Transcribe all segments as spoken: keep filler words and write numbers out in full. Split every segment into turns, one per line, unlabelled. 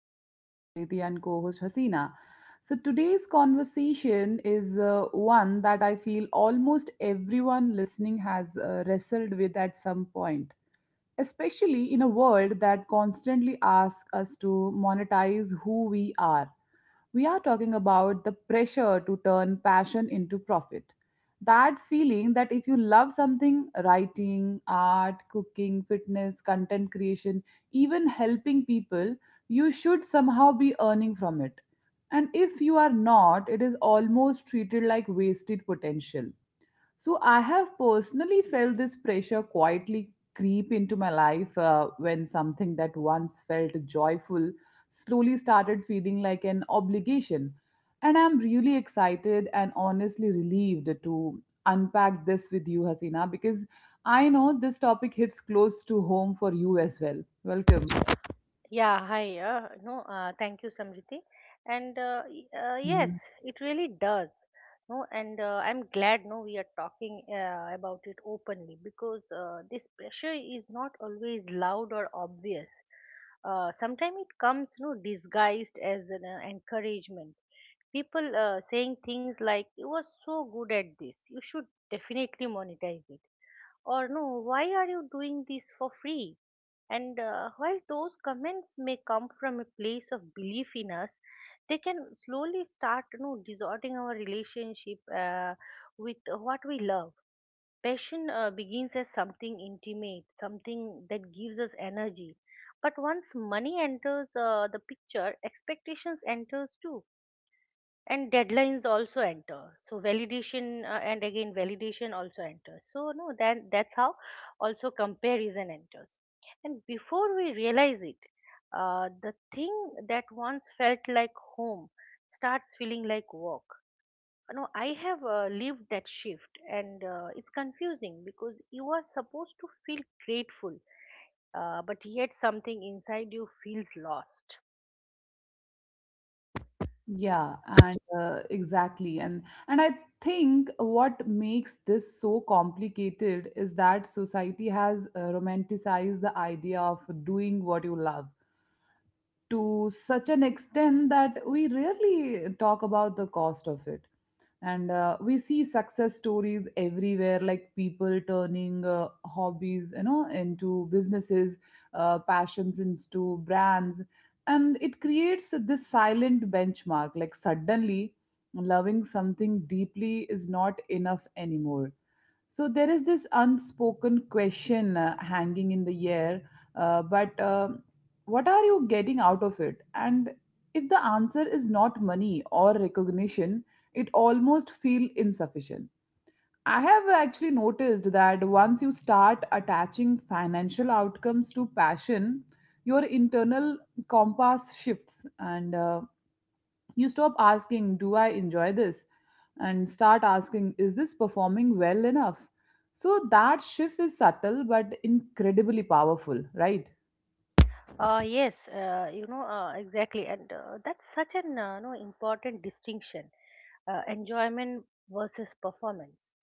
with me, Samriti, and co host Hasina. So, today's conversation is uh, one that I feel almost everyone listening has uh, wrestled with at some point, especially in a world that constantly asks us to monetize who we are. We are talking about the pressure to turn passion into profit, that feeling that if you love something, writing, art, cooking, fitness, content creation, even helping people, you should somehow be earning from it. And if you are not, it is almost treated like wasted potential. So I have personally felt this pressure quietly creep into my life uh, when something that once felt joyful slowly started feeling like an obligation. And I'm really excited and honestly relieved to unpack this with you, Hasina, because I know this topic hits close to home for you as well. Welcome.
Yeah, hi. Uh, no, uh, thank you, Samriti. And uh, y- uh, yes, it really does. No, and uh, I'm glad no we are talking uh, about it openly because uh, this pressure is not always loud or obvious. Uh, sometimes it comes no disguised as an uh, encouragement. People uh, saying things like "You are so good at this. You should definitely monetize it." or no, why are you doing this for free? And uh, while those comments may come from a place of belief in us, they can slowly start you know, distorting our relationship uh, with what we love. Passion uh, begins as something intimate, something that gives us energy. But once money enters uh, the picture, expectations enters too and deadlines also enter, so validation uh, and again validation also enters, so no that that's how also comparison enters. And before we realize it, uh, the thing that once felt like home starts feeling like work. No, I have uh, lived that shift, and uh, it's confusing because you are supposed to feel grateful, uh, but yet something inside you feels lost.
Yeah, and uh, exactly. And and I think what makes this so complicated is that society has uh, romanticized the idea of doing what you love to such an extent that we rarely talk about the cost of it. And uh, we see success stories everywhere, like people turning uh, hobbies, you know, into businesses, uh, passions into brands, and it creates this silent benchmark. Like, suddenly, loving something deeply is not enough anymore. So there is this unspoken question uh, hanging in the air, uh, but um what are you getting out of it? And if the answer is not money or recognition, it almost feel insufficient. I have actually noticed that once you start attaching financial outcomes to passion, your internal compass shifts and uh, you stop asking, do I enjoy this? And start asking, is this performing well enough? So that shift is subtle but incredibly powerful, right?
Uh, yes, uh, you know, uh, exactly. And uh, that's such an uh, you know, important distinction, uh, enjoyment versus performance.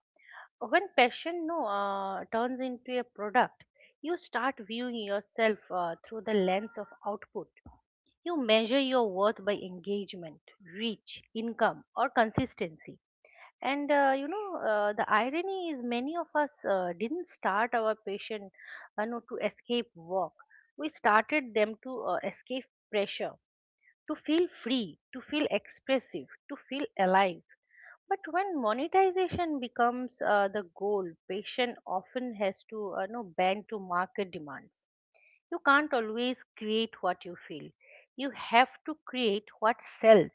When passion no, uh, turns into a product, you start viewing yourself uh, through the lens of output. You measure your worth by engagement, reach, income, or consistency. And uh, you know, uh, the irony is many of us uh, didn't start our patient uh, no, to escape work. We started them to uh, escape pressure, to feel free, to feel expressive, to feel alive. But when monetization becomes uh, the goal, patient often has to uh, no, bend to market demands. You can't always create what you feel. You have to create what sells.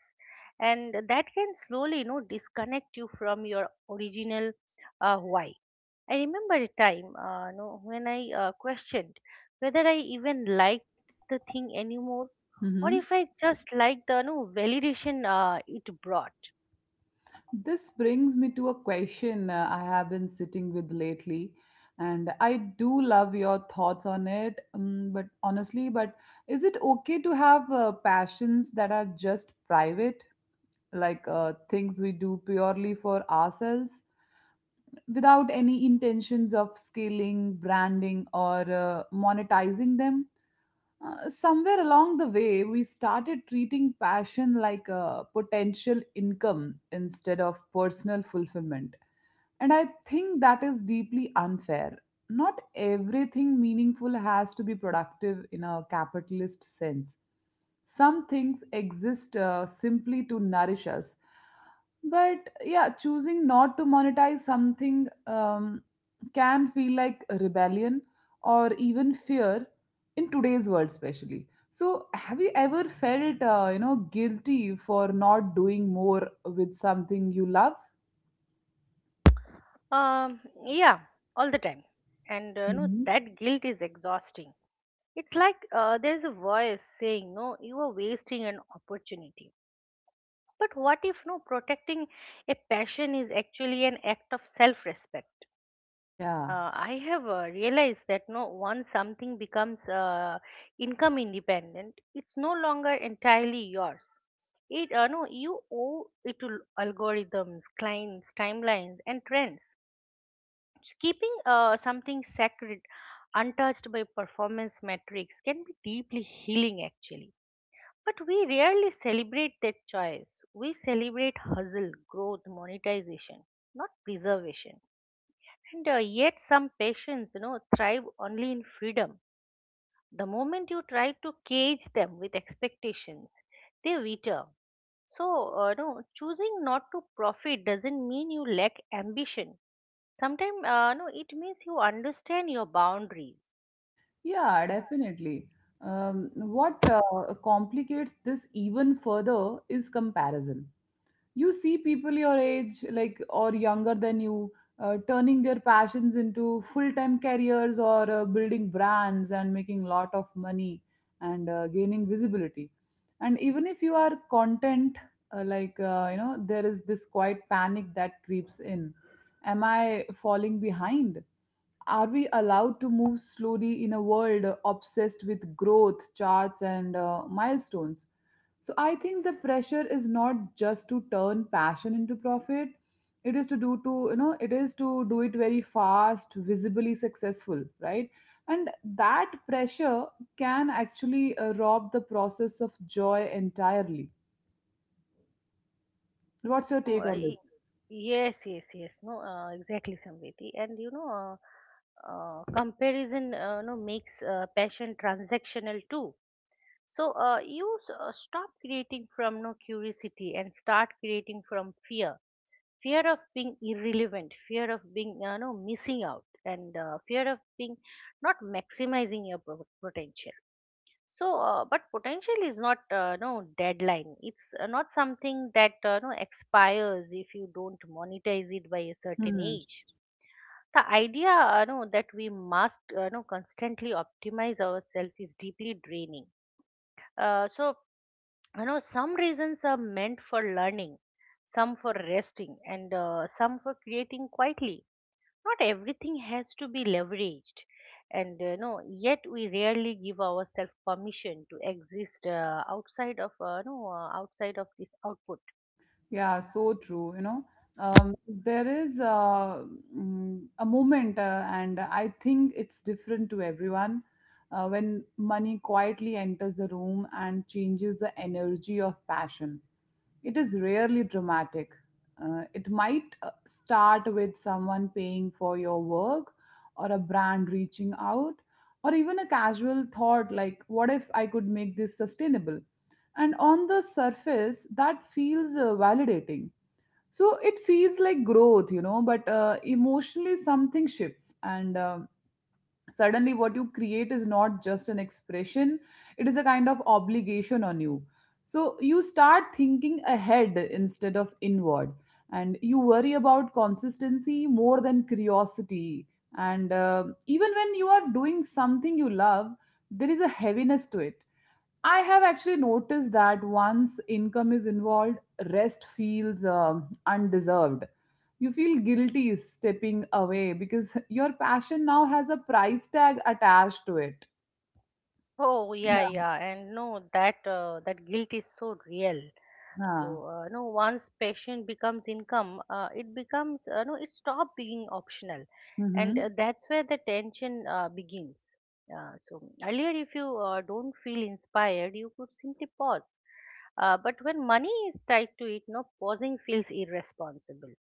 And that can slowly, you know, disconnect you from your original uh, why. I remember a time uh, you know, when I uh, questioned whether I even liked the thing anymore, or if I
Hmm.
just liked the you know, validation uh, it brought.
This brings me to a question uh, I have been sitting with lately, and I do love your thoughts on it. Um, but honestly, but is it okay to have uh, passions that are just private, like uh, things we do purely for ourselves, without any intentions of scaling, branding, or uh, monetizing them? Uh, somewhere along the way, we started treating passion like a potential income instead of personal fulfillment. And I think that is deeply unfair. Not everything meaningful has to be productive in a capitalist sense. Some things exist uh, simply to nourish us. But yeah, choosing not to monetize something um, can feel like rebellion, or even fear, in today's world, especially. So, have you ever felt, uh, you know, guilty for not doing more with something you love?
Um, yeah, all the time. And uh, you know,
Mhm.
that guilt is exhausting. It's like uh, there's a voice saying, no, you are wasting an opportunity. But what if, no, protecting a passion is actually an act of self respect?
Yeah,
Uh, I have uh, realized that no, once something becomes uh, income independent, it's no longer entirely yours. It uh, no, you owe it to algorithms, clients, timelines, and trends. Keeping uh, something sacred untouched by performance metrics can be deeply healing actually. But we rarely celebrate that choice. We celebrate hustle, growth, monetization, not preservation. And uh, yet, some patients, you know, thrive only in freedom. The moment you try to cage them with expectations, they wither. So, uh, no, choosing not to profit doesn't mean you lack ambition. Sometimes, uh, no, it means you understand your boundaries.
yeah, definitely. Um, what uh, complicates this even further is comparison. You see people your age, like, or younger than you, uh, turning their passions into full-time careers, or uh, building brands and making lot of money, and uh, gaining visibility. And even if you are content, uh, like uh, you know, there is this quiet panic that creeps in. Am I falling behind? Are we allowed to move slowly in a world obsessed with growth charts and uh, milestones? So I think the pressure is not just to turn passion into profit. It is to do, to, you know, it is to do it very fast, visibly successful, right? And that pressure can actually uh, rob the process of joy entirely. What's your
No,
take
uh,
on
y- yes, yes, yes. No, uh, exactly, Samriti. And you know, uh, uh, comparison, uh, no, makes uh, passion transactional too. So uh, you s- uh, stop creating from no curiosity and start creating from fear. Fear of being irrelevant, fear of being, uh, no, missing out, and uh, fear of being not maximizing your pro- potential. So uh, but potential is not uh, no deadline. It's uh, not something that uh, no expires if you don't monetize it by a certain
this?
age. The idea uh, no that we must uh, no constantly optimize ourselves is deeply draining. Uh, so, you know some reasons are meant for learning, some for resting, and uh, some for creating quietly. Not everything has to be leveraged, and uh, no yet we rarely give ourselves permission to exist uh, outside of uh, no uh, outside of this output.
Yeah, so true. You know, um, there is, uh, mm, a moment, uh, and I think it's different to everyone, uh, when money quietly enters the room and changes the energy of passion. It is rarely dramatic. Uh, it might uh, start with someone paying for your work, or a brand reaching out, or even a casual thought like, what if I could make this sustainable? And on the surface that feels uh, validating, so it feels like growth, you know. But uh, emotionally something shifts, and um suddenly what you create is not just an expression, it is a kind of obligation on you. So you start thinking ahead instead of inward, and you worry about consistency more than curiosity. And uh, even when you are doing something you love, there is a heaviness to it. I have actually noticed that once income is involved, rest feels um undeserved. You feel guilty stepping away because your passion now has a price tag attached to it.
Oh yeah,
Yeah.
yeah, and no that uh, that guilt is so real. So
Ah.
uh, no, once passion becomes income, uh, it becomes, uh, no, it stops being optional. And uh,
Hmm.
that's where the tension uh, begins. Uh, so, earlier, if you uh, don't feel inspired, you could simply pause. Uh, but when money is tied to it, no pausing feels irresponsible.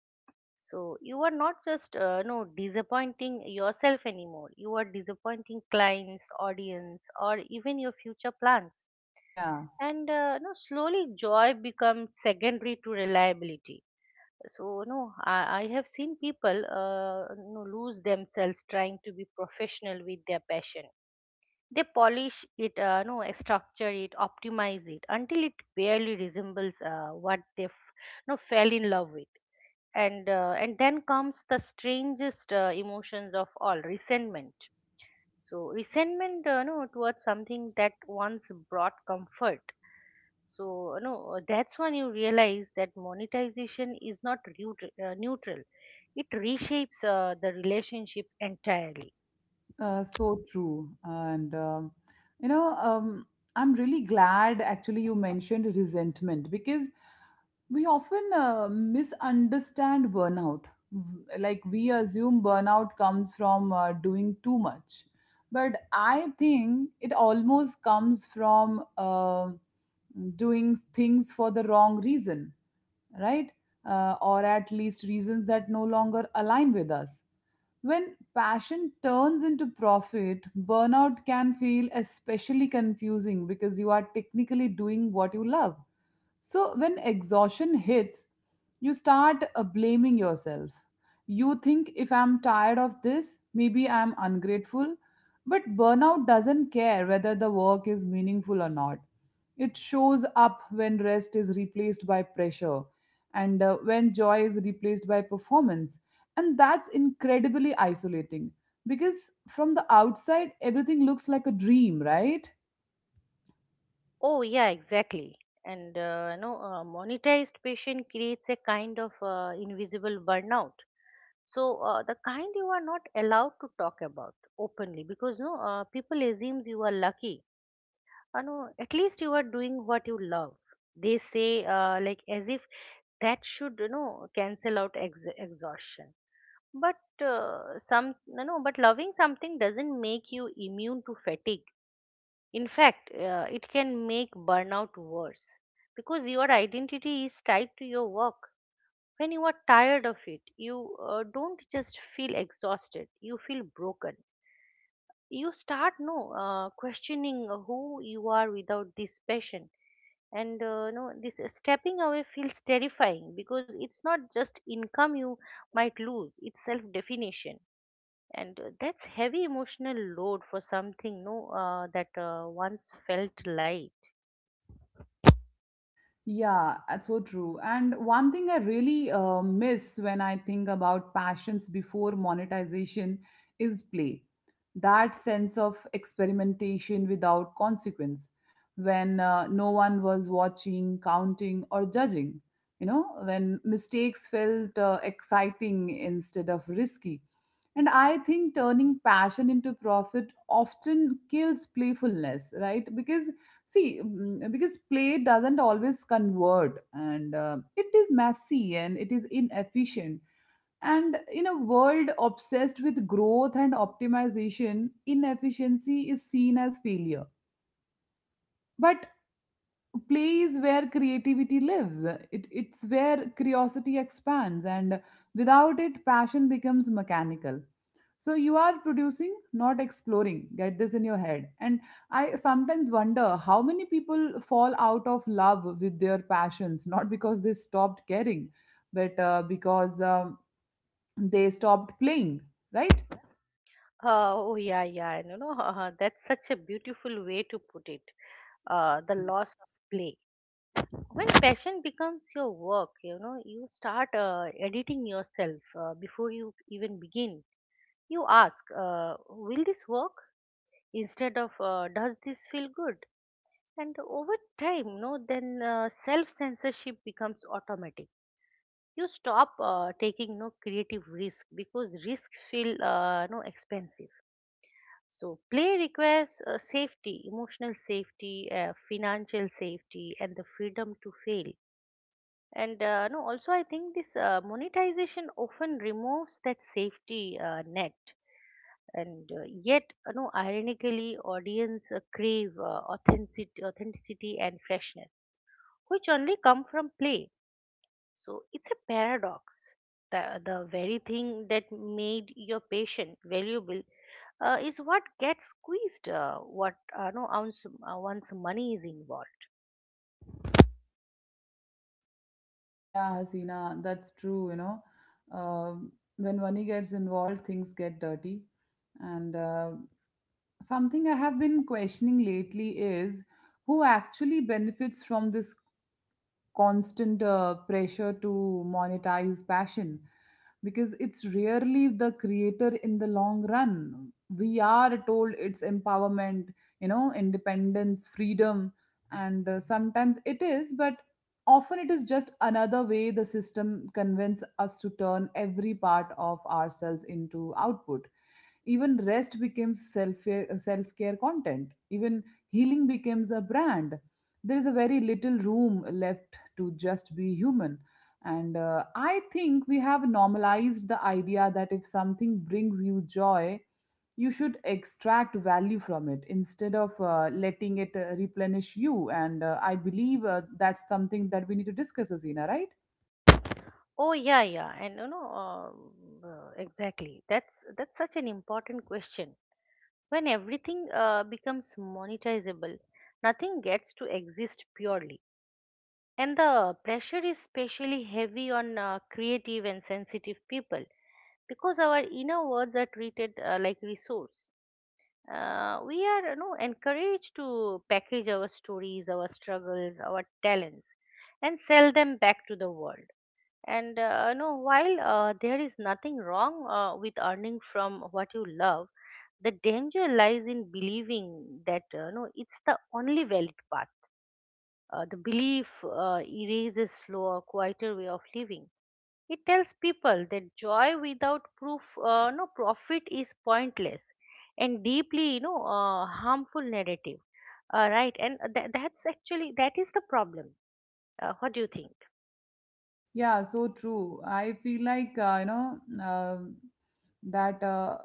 So you are not just uh, no disappointing yourself anymore. You are disappointing clients, audience, or even your future plans.
Yeah.
And uh, no, slowly joy becomes secondary to reliability. So no, I, I have seen people uh, no, lose themselves trying to be professional with their passion. They polish it, uh, no, uh, structure it, optimize it until it barely resembles uh, what they f- no, fell in love with. And uh, and then comes the strangest uh, emotions of all, resentment. So, resentment, uh, no, towards something that once brought comfort. So uh, no, uh, that's when you realize that monetization is not neut- uh, neutral. It reshapes uh, the relationship entirely.
Uh, so true. And, um, you know, um, I'm really glad actually you mentioned resentment because we often uh, misunderstand burnout. Mm. Like, we assume burnout comes from uh, doing too much. But I think it almost comes from uh, doing things for the wrong reason, right? Uh, or at least reasons that no longer align with us. When passion turns into profit, burnout can feel especially confusing because you are technically doing what you love. So, when exhaustion hits, you start uh, blaming yourself. You think, if I'm tired of this, maybe I'm ungrateful. But burnout doesn't care whether the work is meaningful or not. It shows up when rest is replaced by pressure, and uh, when joy is replaced by performance. And that's incredibly isolating because from the outside, everything looks like a dream, right?
Oh, yeah, exactly. And uh, you know, a monetized patient creates a kind of uh, invisible burnout. So uh, the kind you are not allowed to talk about openly because no uh, people assumes you are lucky. Uh, no, at least you are doing what you love. They say uh, like as if that should you know cancel out ex- exhaustion. But uh, some no no, but loving something doesn't make you immune to fatigue. In fact, uh, it can make burnout worse, because your identity is tied to your work. When you are tired of it, you uh, don't just feel exhausted, you feel broken. You start no uh, questioning who you are without this passion. And uh, no, this stepping away feels terrifying because it's not just income you might lose; it's self-definition, and uh, that's heavy emotional load for something no uh, that uh, once felt light.
Yeah, that's so true. And one thing I really uh, miss when I think about passions before monetization is play. That sense of experimentation without consequence, when uh, no one was watching, counting, or judging. You know, when mistakes felt uh, exciting instead of risky. And I think turning passion into profit often kills playfulness, right? Because, see, mm, because play doesn't always convert, and uh, it is messy and it is inefficient. And in a world obsessed with growth and optimization, inefficiency is seen as failure. But play is where creativity lives it, it's where curiosity expands, and without it passion becomes mechanical. So you are producing, not exploring. Get this in your head. And I sometimes wonder how many people fall out of love with their passions not because they stopped caring, but uh, because um, they stopped playing, right?
Uh, oh yeah, yeah, and you know uh, that's such a beautiful way to put it. Uh, the loss of play. When passion becomes your work, you know, you start uh, editing yourself uh, before you even begin. You ask, uh, will this work? Instead of, uh, does this feel good? And over time, you know, then uh, self-censorship becomes automatic. You stop uh, taking no creative risk because risks feel uh, no expensive. So play requires uh, safety, emotional safety, uh, financial safety, and the freedom to fail. And uh, no, also I think this uh, monetization often removes that safety uh, net. And uh, yet, you know, ironically, audience uh, crave uh, authenticity, authenticity and freshness, which only come from play. So it's a paradox. The, the very thing that made your patient valuable uh, is what gets squeezed, uh, what uh, no ounce, uh, once money is involved.
Yeah, Hasina, that's true, you know. Um when money gets involved, things get dirty. And uh, something I have been questioning lately is, who actually benefits from this constant uh, pressure to monetize passion? Because it's rarely the creator in the long run. We are told it's empowerment, you know, independence, freedom, and uh, sometimes it is. But often it is just another way the system convinces us to turn every part of ourselves into output. Even rest becomes self self care content. Even healing becomes a brand. There is a very little room left to just be human. And uh, I think we have normalized the idea that if something brings you joy, you should extract value from it instead of uh, letting it uh, replenish you. And uh, I believe uh, that's something that we need to discuss, Asina, right?
Oh yeah, yeah, and you know uh, uh, exactly, that's that's such an important question. When everything uh, becomes monetizable, nothing gets to exist purely, and the pressure is especially heavy on uh, creative and sensitive people, because our inner words are treated uh, like resource. Uh, we are, you know encouraged to package our stories, our struggles, our talents, and sell them back to the world. And uh, you know while uh, there is nothing wrong uh, with earning from what you love, the danger lies in believing that uh, you know, it's the only valid path. Uh, the belief uh, erases slower, quieter way of living. It tells people that joy without proof, uh, no profit is pointless, and deeply, you know, uh, harmful narrative. Uh, right, and tha- that's actually that is the problem. Uh, what do you think?
Yeah, so true. I feel like uh, you know, um that uh,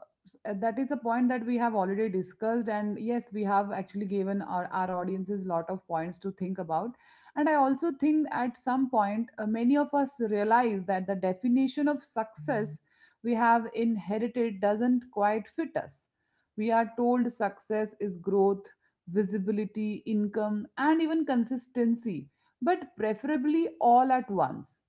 uh, that is a point that we have already discussed, and yes, we have actually given our, our audiences a lot of points to think about. And I also think at some point, uh, many of us realize that the definition of success we have inherited doesn't quite fit us. We are told success is growth, visibility, income, and even consistency, but preferably all at once.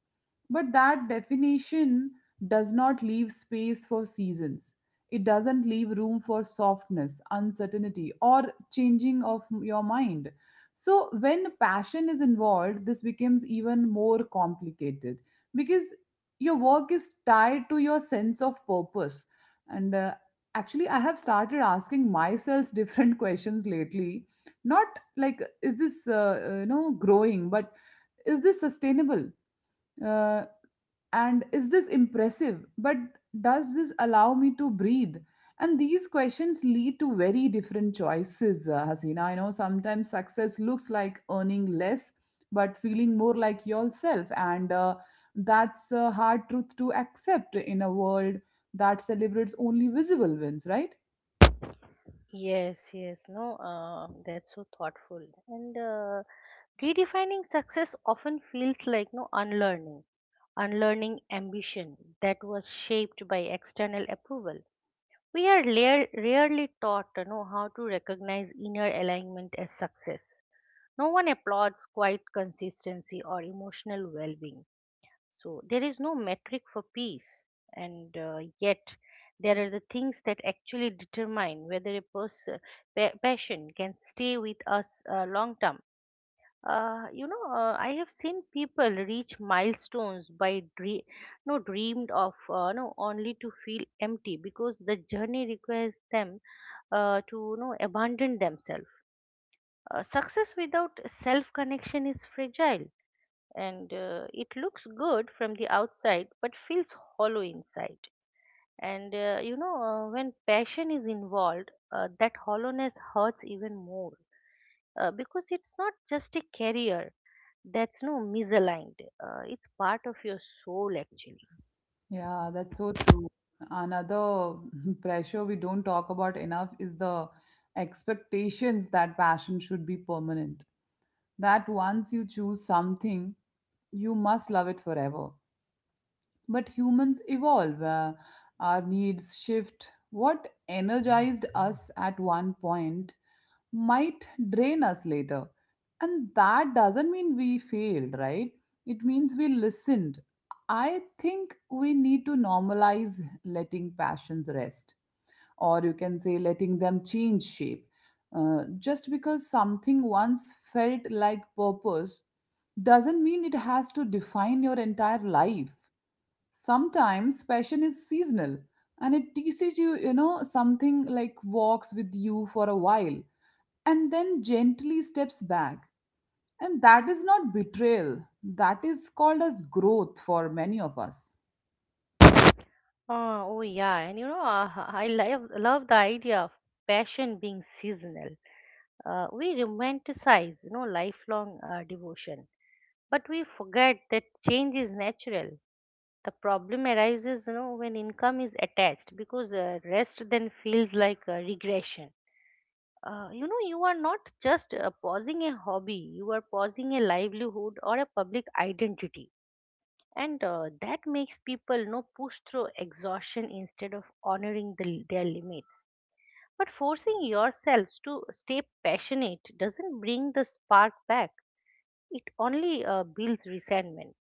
But that definition does not leave space for seasons. It doesn't leave room for softness, uncertainty, or changing of your mind. So, when passion is involved, this becomes even more complicated because your work is tied to your sense of purpose. And uh, actually, I have started asking myself different questions lately. Not like, is this, uh, uh, you know, growing, but is this sustainable? uh, and is this impressive, but does this allow me to breathe? And these questions lead to very different choices. uh, Hasina, I know sometimes success looks like earning less but feeling more like yourself. And uh, that's a hard truth to accept in a world that celebrates only visible wins, right?
Yes, yes, no, uh, that's so thoughtful. And uh, redefining success often feels like no unlearning, unlearning ambition that was shaped by external approval. We are lar- rarely taught, you know, how to recognize inner alignment as success. No one applauds quiet consistency or emotional well being. So there is no metric for peace, and uh, yet there are the things that actually determine whether a person, pa- passion can stay with us uh, long term. Uh, you know, uh, I have seen people reach milestones by dream, no dreamed of, uh, no only to feel empty because the journey requires them uh, to you know abandon themselves. Uh, success without self connection is fragile, and uh, it looks good from the outside but feels hollow inside. And uh, you know, uh, when passion is involved, uh, that hollowness hurts even more, uh, because it's not just a career that's no misaligned, uh, it's part of your soul actually.
Yeah, that's so true. Another pressure we don't talk about enough is the expectations that passion should be permanent, that once you choose something, you must love it forever. But humans evolve. Uh, our needs shift. What energized us at one point might drain us later. And that doesn't mean we failed, right? It means we listened. I think we need to normalize letting passions rest, or you can say letting them change shape. Uh, just because something once felt like purpose doesn't mean it has to define your entire life. Sometimes passion is seasonal, and it teaches you, you know something like walks with you for a while and then gently steps back. And that is not betrayal, that is called as growth for many of us.
Oh, oh yeah, and you know, uh, I love love the idea of passion being seasonal. Uh, we romanticize, you know, lifelong uh, devotion, but we forget that change is natural. The problem arises, you know, when income is attached because uh, rest then feels like a regression. Uh, you know, you are not just uh, pausing a hobby; you are pausing a livelihood or a public identity, and uh, that makes people you push through exhaustion instead of honoring the, their limits. But forcing yourselves to stay passionate doesn't bring the spark back, it only uh, builds resentment.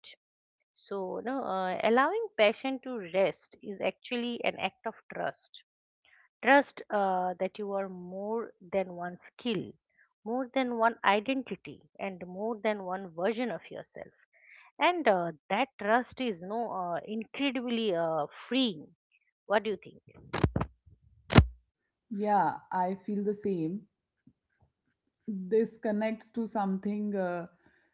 So you uh, allowing passion to rest is actually an act of trust. Trust uh, that you are more than one skill, more than one identity, and more than one version of yourself. And uh, that trust is no uh, incredibly uh, freeing. What do you think?
Yeah, I feel the same. This connects to something uh,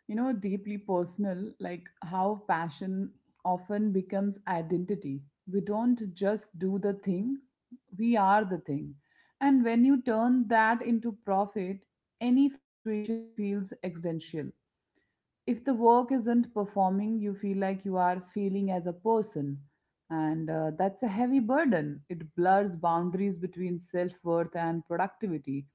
you know deeply personal, like how passion often becomes identity. We don't just do the thing, we are the thing. And when you turn that into profit, any fluctuation feels existential. If the work isn't performing, you feel like you are failing as a person. And uh, that's a heavy burden. It blurs boundaries between self worth and productivity.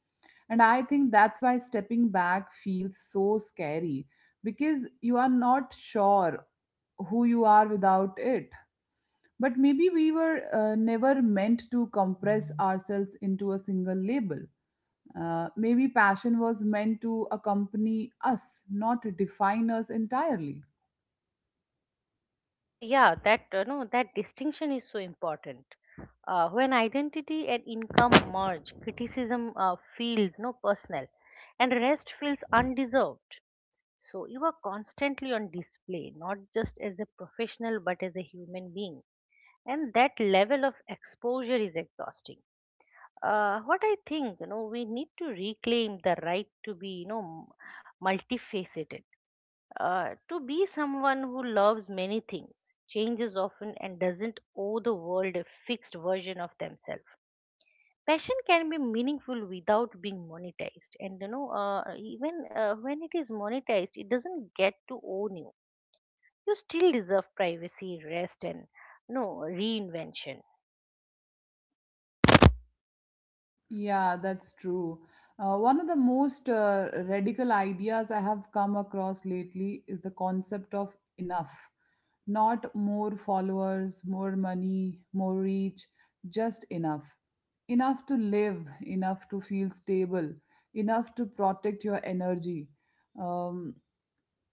And I think that's why stepping back feels so scary, because you are not sure who you are without it. But maybe we were uh, never meant to compress ourselves into a single label. Uh, maybe passion was meant to accompany us, not define us entirely.
Oh yeah, that uh, no, that distinction is so important. Uh, when identity and income merge, criticism uh, feels no personal, and rest feels undeserved. So you are constantly on display, not just as a professional but as a human being, and that level of exposure is exhausting. Uh, what I think, you know, we need to reclaim the right to be, you know, m- multifaceted, uh, to be someone who loves many things, changes often, and doesn't owe the world a fixed version of themselves. Passion can be meaningful without being monetized, and you know, uh, even uh, when it is monetized, it doesn't get to own you. You still deserve privacy, rest, and no reinvention.
Yeah, that's true. Uh, one of the most uh, radical ideas I have come across lately is the concept of enough. Not more followers, more money, more reach, just enough. Enough to live, enough to feel stable, enough to protect your energy. Um,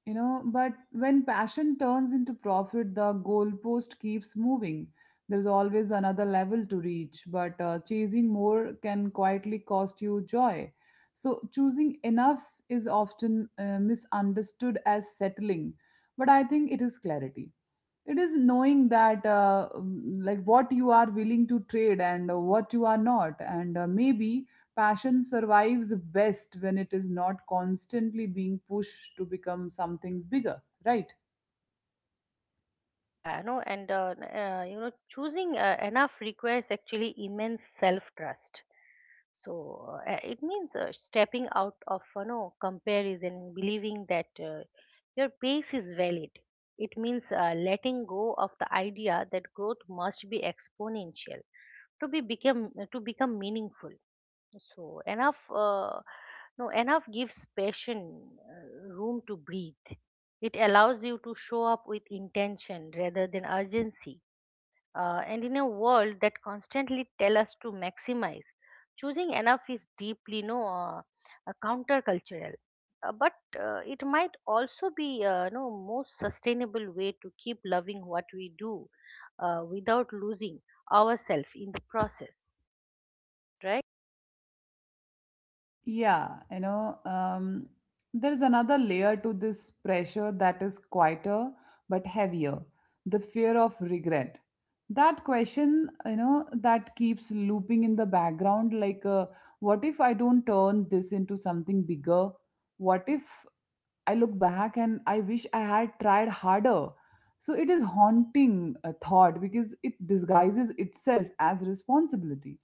you know but when passion turns into profit, the goalpost keeps moving. There's always another level to reach, but uh, chasing more can quietly cost you joy. So choosing enough is often uh, misunderstood as settling, but I think it is clarity. It is knowing that uh, um, like what you are willing to trade and uh, what you are not, and uh, maybe passion survives best when it is not constantly being pushed to become something bigger, right?
Yeah, no, and uh, n- uh, you know, choosing uh, enough requires actually immense self-trust. So uh, it means uh, stepping out of, you know, comparison, believing that uh, your pace is valid. It means uh, letting go of the idea that growth must be exponential to be become to become meaningful. So enough. Uh, no, Enough gives passion uh, room to breathe. It allows you to show up with intention rather than urgency. Uh, and in a world that constantly tell us to maximize, choosing enough is deeply no uh, uh, countercultural. Uh, but uh, it might also be uh, no most sustainable way to keep loving what we do uh, without losing ourselves in the process, right?
Yeah, you know, um, there's another layer to this pressure that is quieter but heavier, the fear of regret. That question, you know, that keeps looping in the background, like, uh, what if I don't turn this into something bigger? What if I look back and I wish I had tried harder? So it is haunting a thought because it disguises itself as responsibility,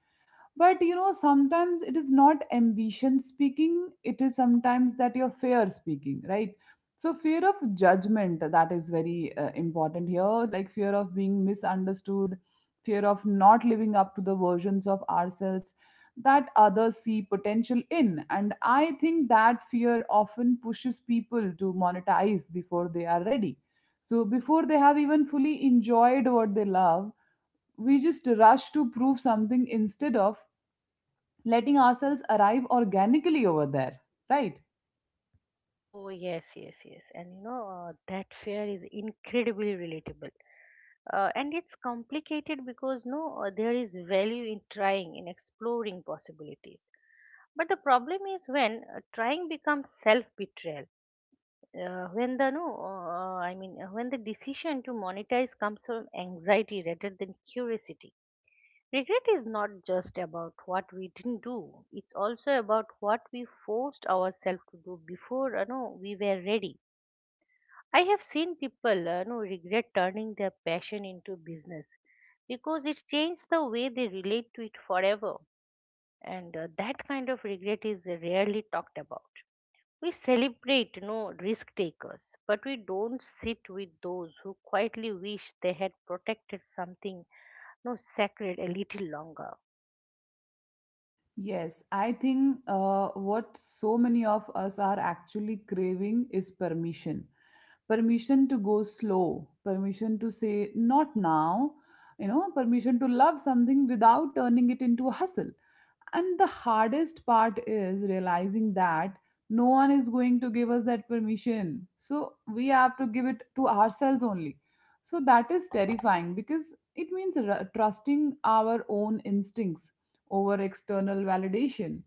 but you know sometimes it is not ambition speaking, it is sometimes that your fear speaking, right? So fear of judgment, that is very uh, important here, like fear of being misunderstood, fear of not living up to the versions of ourselves that others see potential in. And I think that fear often pushes people to monetize before they are ready, so before they have even fully enjoyed what they love. We just rush to prove something instead of letting ourselves arrive organically over there, right?
Oh, yes, yes, yes. And you know, uh, that fear is incredibly relatable. Uh, and it's complicated because no, uh, there is value in trying, in exploring possibilities. But the problem is when uh, trying becomes self-betrayal. Uh, when the no, uh, I mean, uh, When the decision to monetize comes from anxiety rather than curiosity. Regret is not just about what we didn't do; it's also about what we forced ourselves to do before, you know, we were ready. I have seen people uh, no, regret turning their passion into business because it changed the way they relate to it forever. And uh, that kind of regret is rarely talked about. We celebrate, you know, risk takers, but we don't sit with those who quietly wish they had protected something no sacred a little longer.
Yes, I think uh, what so many of us are actually craving is permission. Permission to go slow, permission to say not now, you know, permission to love something without turning it into a hustle. And the hardest part is realizing that no one is going to give us that permission. So we have to give it to ourselves only. So that is terrifying because it means r- trusting our own instincts over external validation,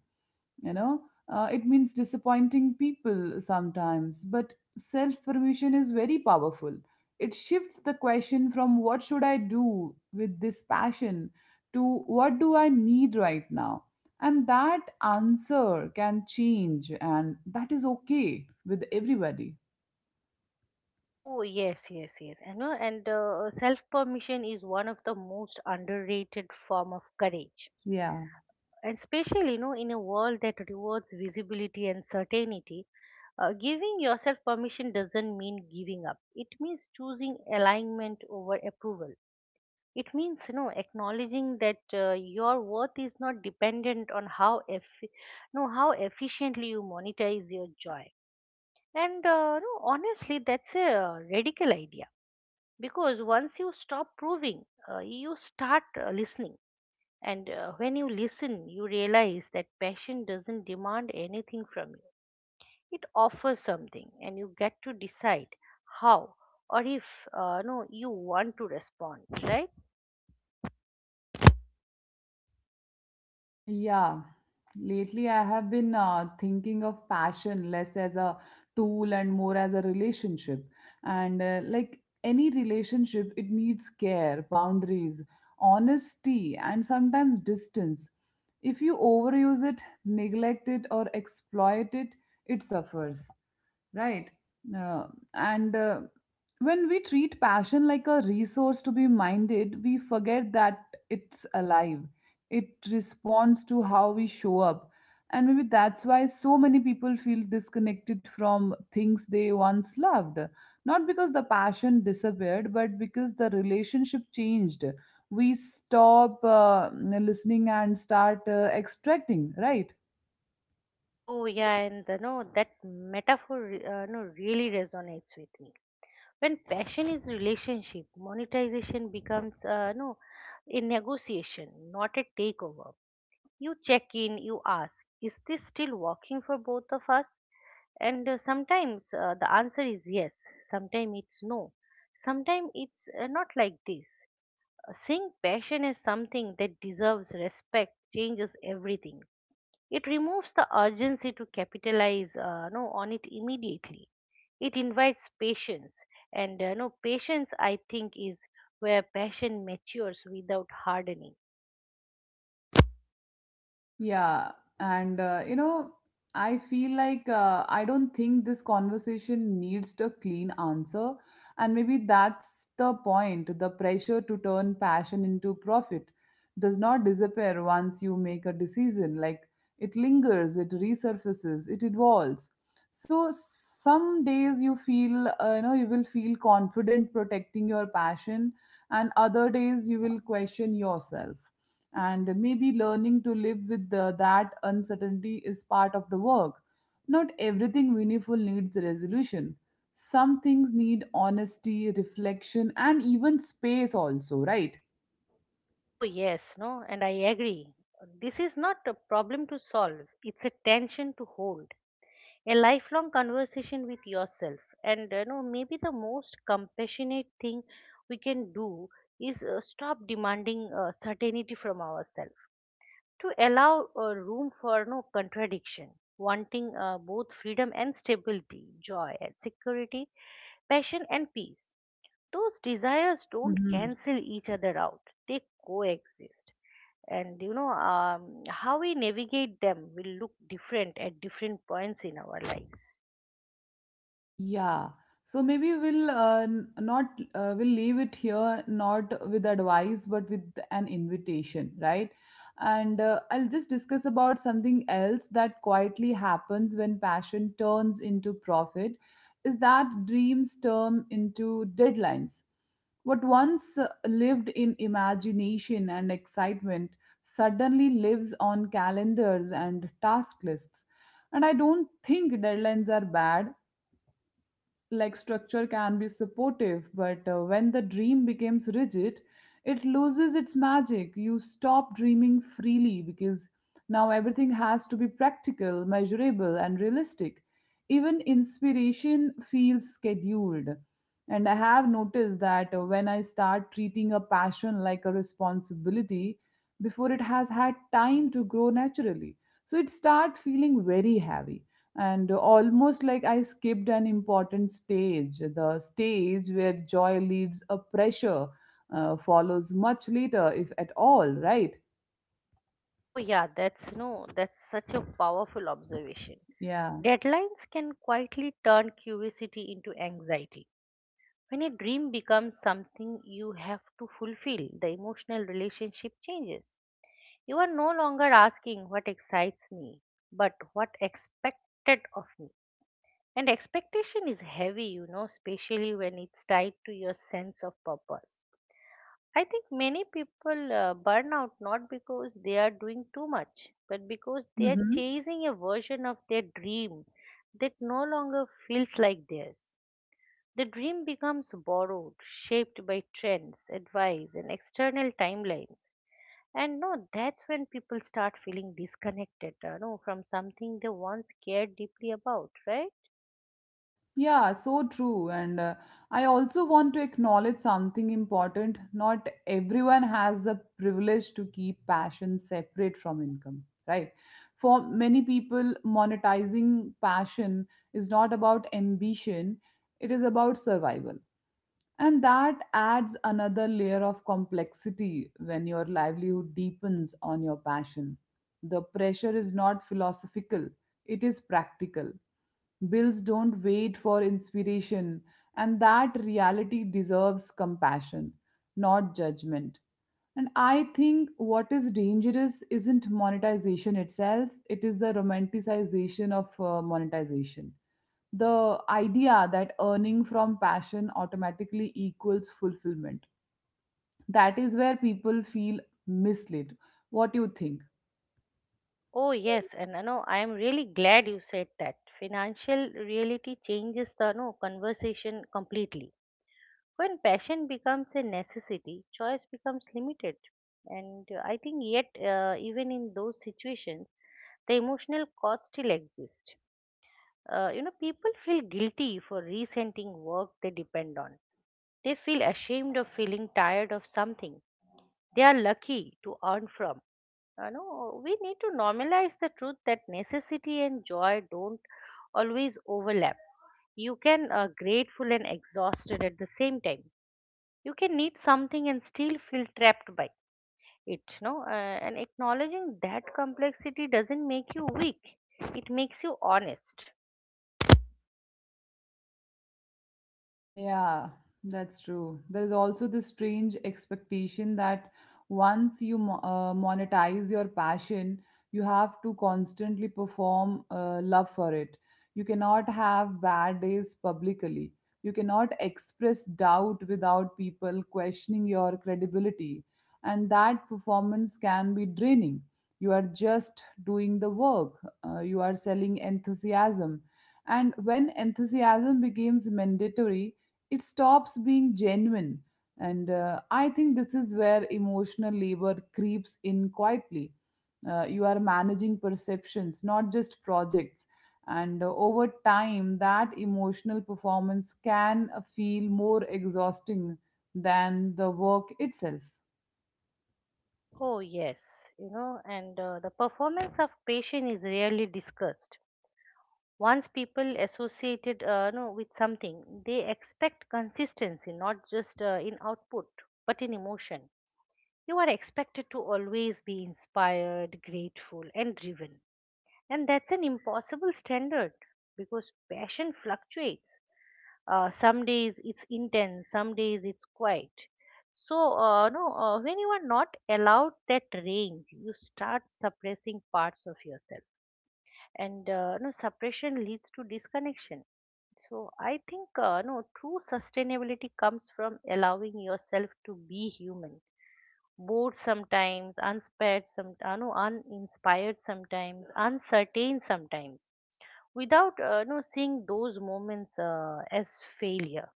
you know. Uh, it means disappointing people sometimes, but self permission is very powerful. It shifts the question from what should I do with this passion to what do I need right now. And that answer can change, and that is okay with everybody.
Oh yes, yes, yes. I know, and uh, self permission is one of the most underrated form of courage,
Yeah.
and especially, you know, in a world that rewards visibility and certainty, uh, giving yourself permission doesn't mean giving up, it means choosing alignment over approval. It means, you know, acknowledging that uh, your worth is not dependent on how eff- no how efficiently you monetize your joy. And uh, no, honestly that's a radical idea, because once you stop proving, uh, you start uh, listening. And uh, when you listen, you realize that passion doesn't demand anything from you. It offers something, and you get to decide how or if uh, no you want to respond, right?
Yeah, lately I have been uh, thinking of passion less as a tool and more as a relationship. And uh, like any relationship, it needs care, boundaries, honesty, and sometimes distance. If you overuse it, neglect it, or exploit it, it suffers. Right? Uh, and uh, when we treat passion like a resource to be minded, we forget that it's alive. It responds to how we show up. And maybe that's why so many people feel disconnected from things they once loved, not because the passion disappeared but because the relationship changed. We stop uh, listening and start uh, extracting, right?
Oh yeah, and the, no that metaphor uh, no really resonates with me. When passion is relationship, monetization becomes uh, no a negotiation, not a takeover. You check in, you ask, is this still working for both of us? And uh, sometimes uh, the answer is yes, sometimes it's no, sometimes it's uh, not like this. Uh, Seeing passion as something that deserves respect changes everything. It removes the urgency to capitalize uh, no, on it immediately. It invites patience, and uh, no patience, I think, is where passion matures without hardening.
Yeah, and uh, you know, I feel like uh, I don't think this conversation needs a clean answer, and maybe that's the point. The pressure to turn passion into profit does not disappear once you make a decision. Like, it lingers, it resurfaces, it evolves. So some days you feel, uh, you know, you will feel confident protecting your passion, and other days you will question yourself. And maybe learning to live with the, that uncertainty is part of the work. Not everything meaningful needs a resolution. Some things need honesty, reflection, and even space, also, right?
Oh, yes, no, and I agree. This is not a problem to solve, it's a tension to hold. A lifelong conversation with yourself. And you know, maybe the most compassionate thing we can do is uh, stop demanding uh, certainty from ourselves, to allow uh, room for no contradiction, wanting uh, both freedom and stability, joy and security, passion and peace. Those desires don't
Mhm.
cancel each other out, they coexist. And you know, um, how we navigate them will look different at different points in our lives.
Yeah. So maybe we'll uh, n- not uh, we'll leave it here not with advice but with an invitation, right? And uh, I'll just discuss about something else that quietly happens when passion turns into profit is that dreams turn into deadlines. What once uh, lived in imagination and excitement suddenly lives on calendars and task lists. And I don't think deadlines are bad. Like, structure can be supportive, but uh, when the dream becomes rigid, it loses its magic. You stop dreaming freely because now everything has to be practical, measurable, and realistic. Even inspiration feels scheduled. And I have noticed that uh, when I start treating a passion like a responsibility before it has had time to grow naturally, so it start feeling very heavy, and almost like I skipped an important stage, the stage where joy leads, a pressure uh, follows much later, if at all, right?
Oh yeah, that's no that's such a powerful observation.
Yeah.
Deadlines can quietly turn curiosity into anxiety. When a dream becomes something you have to fulfill, the emotional relationship changes. You are no longer asking what excites me, but what expected of me. And expectation is heavy, you know, especially when it's tied to your sense of purpose. I think many people uh, burn out not because they are doing too much, but because they are
Mhm.
chasing a version of their dream that no longer feels like theirs. The dream becomes borrowed, shaped by trends, advice, and external timelines. And no, that's when people start feeling disconnected, uh, no, from something they once cared deeply about, right?
Yeah, so true. And uh, I also want to acknowledge something important. Not everyone has the privilege to keep passion separate from income, right? For many people, monetizing passion is not about ambition, it is about survival. And that adds another layer of complexity when your livelihood deepens on your passion. The pressure is not philosophical, it is practical. Bills don't wait for inspiration, and that reality deserves compassion, not judgment. And I think what is dangerous isn't monetization itself, it is the romanticization of uh, monetization, the idea that earning from passion automatically equals fulfillment. That is where people feel misled. What do you think?
Oh, yes, and you know, I'm really glad you said that. Financial reality changes the no conversation completely. When passion becomes a necessity, choice becomes limited. And uh, I think yet, uh, even in those situations, the emotional cost still exists. Uh, you know, people feel guilty for resenting work they depend on. They feel ashamed of feeling tired of something they are lucky to earn from. You know, we need to normalize the truth that necessity and joy don't always overlap. You can uh, grateful and exhausted at the same time. You can need something and still feel trapped by it. No, uh, And acknowledging that complexity doesn't make you weak. It makes you honest.
Yeah, that's true. There is also this strange expectation that once you mo- uh, monetize your passion, you have to constantly perform uh, love for it. You cannot have bad days publicly. You cannot express doubt without people questioning your credibility. And that performance can be draining. You are just doing the work, uh, you are selling enthusiasm. And when enthusiasm becomes mandatory, it stops being genuine. And uh, I think this is where emotional labor creeps in quietly. Uh, you are managing perceptions, not just projects. And uh, over time, that emotional performance can uh, feel more exhausting than the work itself.
Oh yes, you know, and uh, the performance of patience is rarely discussed. Once people associated uh, no, with something, they expect consistency not just uh, in output but in emotion. You are expected to always be inspired, grateful, and driven, and that's an impossible standard because passion fluctuates. Uh, some days it's intense, some days it's quiet. So uh, no uh, when you are not allowed that range you start suppressing parts of yourself, and uh, no suppression leads to disconnection. So I think uh, no, true sustainability comes from allowing yourself to be human: bored sometimes, uninspired some uh, no, uninspired sometimes, uncertain sometimes, without uh, no seeing those moments uh, as failure.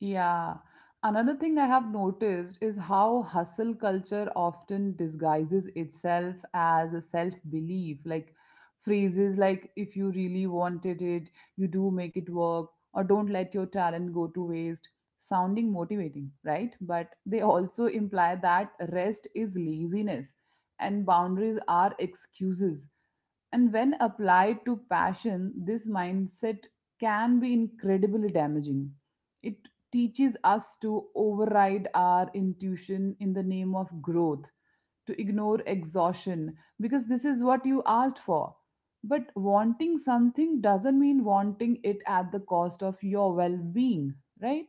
Yeah. Another thing I have noticed is how hustle culture often disguises itself as a self belief. Like, phrases like, if you really wanted it, you do make it work, or don't let your talent go to waste, sounding motivating, right? But they also imply that rest is laziness and boundaries are excuses. And when applied to passion, this mindset can be incredibly damaging. It teaches us to override our intuition in the name of growth, to ignore exhaustion, because this is what you asked for. But wanting something doesn't mean wanting it at the cost of your well being, right?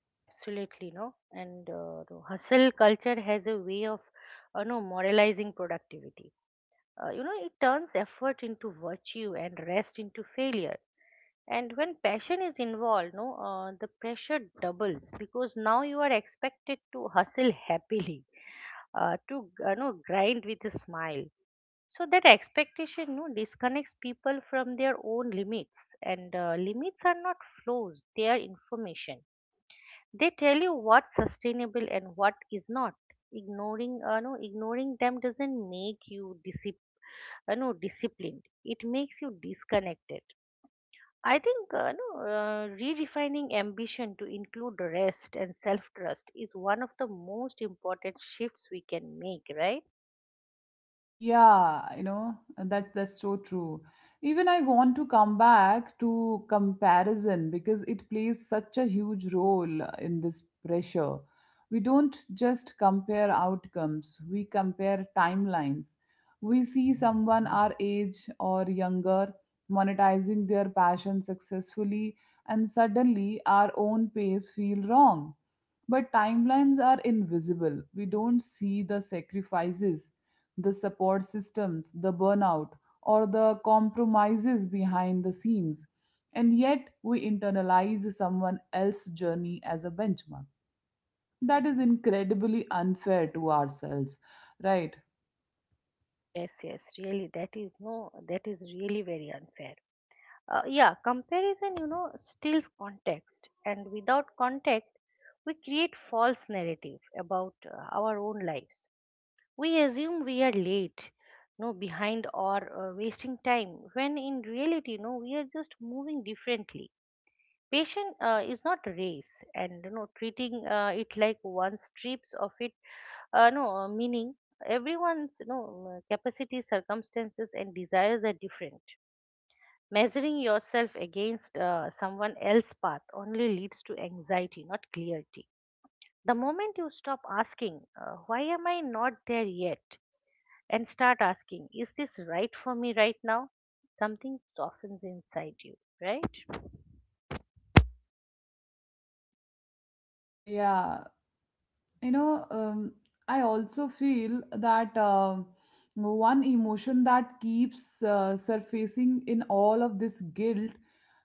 Yeah, absolutely. No And uh, the hustle culture has a way of uh, no moralizing productivity. Uh, you know, it turns effort into virtue and rest into failure. And when passion is involved, no uh, the pressure doubles because now you are expected to hustle happily, uh, to, you know, grind with a smile. So that expectation no disconnects people from their own limits. And uh, limits are not flows, they are information. They tell you what's sustainable and what is not. Ignoring, uh, no ignoring them doesn't make you disip- uh, no disciplined, it makes you disconnected. I think uh, no, uh, redefining ambition to include rest and self trust is one of the most important shifts we can make, right?
Yeah, you know, that that's so true. Even I want to come back to comparison because it plays such a huge role in this pressure. We don't just compare outcomes, we compare timelines. We see someone our age or younger monetizing their passion successfully, and suddenly our own pace feel wrong. But timelines are invisible. We don't see the sacrifices, the support systems, the burnout, or the compromises behind the scenes. And yet, we internalize someone else's journey as a benchmark. That is incredibly unfair to ourselves, right?
Yes, yes, really, that is no, that is really very unfair. Uh, yeah, comparison, you know, steals context, and without context, we create false narrative about uh, our own lives. We assume we are late, no, behind, or uh, wasting time, when in reality, no, we are just moving differently. Patient uh, is not race, and you know treating uh, it like one strips of it uh, no uh, meaning. Everyone's, you know, capacity, circumstances, and desires are different. Measuring yourself against uh, someone else's path only leads to anxiety, not clarity. The moment you stop asking, uh, "Why am I not there yet?" and start asking, "Is this right for me right now?" something softens inside you, right?
Uh, yeah, you know um, I also feel that uh, one emotion that keeps uh, surfacing in all of this, guilt.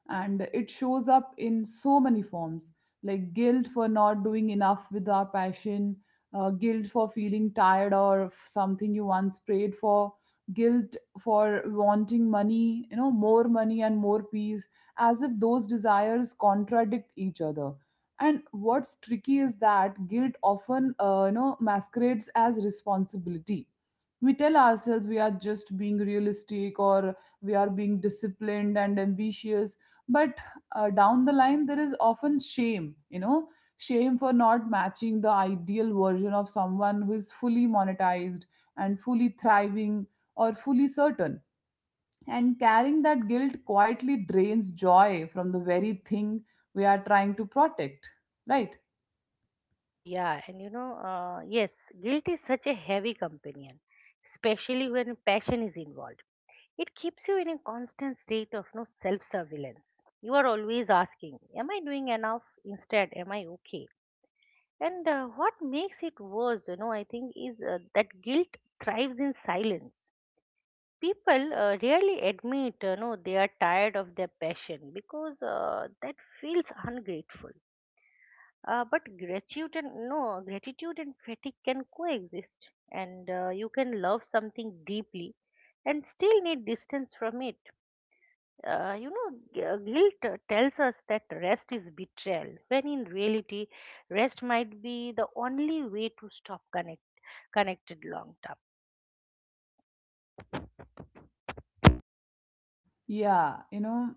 And it shows up in so many forms, like guilt for not doing enough with our passion, uh, guilt for feeling tired or of something you once prayed for, guilt for wanting money, you know, more money and more peace, as if those desires contradict each other. And what's tricky is that guilt often uh, you know masquerades as responsibility. We tell ourselves we are just being realistic or we are being disciplined and ambitious, but uh, down the line there is often shame, you know, shame for not matching the ideal version of someone who is fully monetized and fully thriving or fully certain. And carrying that guilt quietly drains joy from the very thing we are trying to protect, right?
Oh, yeah. And you know, uh, yes, guilt is such a heavy companion, especially when passion is involved. It keeps you in a constant state of no self surveillance. You are always asking, am I doing enough? Instead, am I okay? And uh, what makes it worse, you know, I think, is uh, that guilt thrives in silence. People uh, rarely admit, you know, they are tired of their passion because uh, that feels ungrateful. Uh, but gratitude and no gratitude and fatigue can coexist. And uh, you can love something deeply and still need distance from it. Uh, you know, gu- uh, guilt uh, tells us that rest is betrayal, when in reality rest might be the only way to stop connect, connected long term.
Yeah, you know,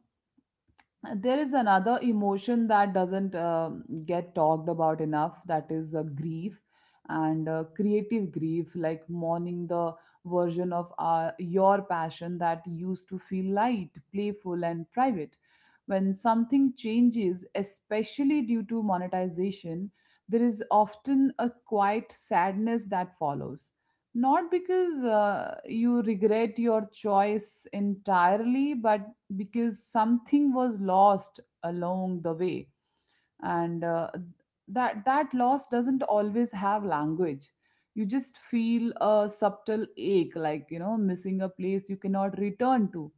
there is another emotion that doesn't uh, get talked about enough, that is uh, grief. And uh, creative grief, like mourning the version of our, your passion that used to feel light, playful and private. When something changes, especially due to monetization, there is often a quiet sadness that follows, not because uh, you regret your choice entirely, but because something was lost along the way. And uh, that that loss doesn't always have language. You just feel a subtle ache, like you know missing a place you cannot return to.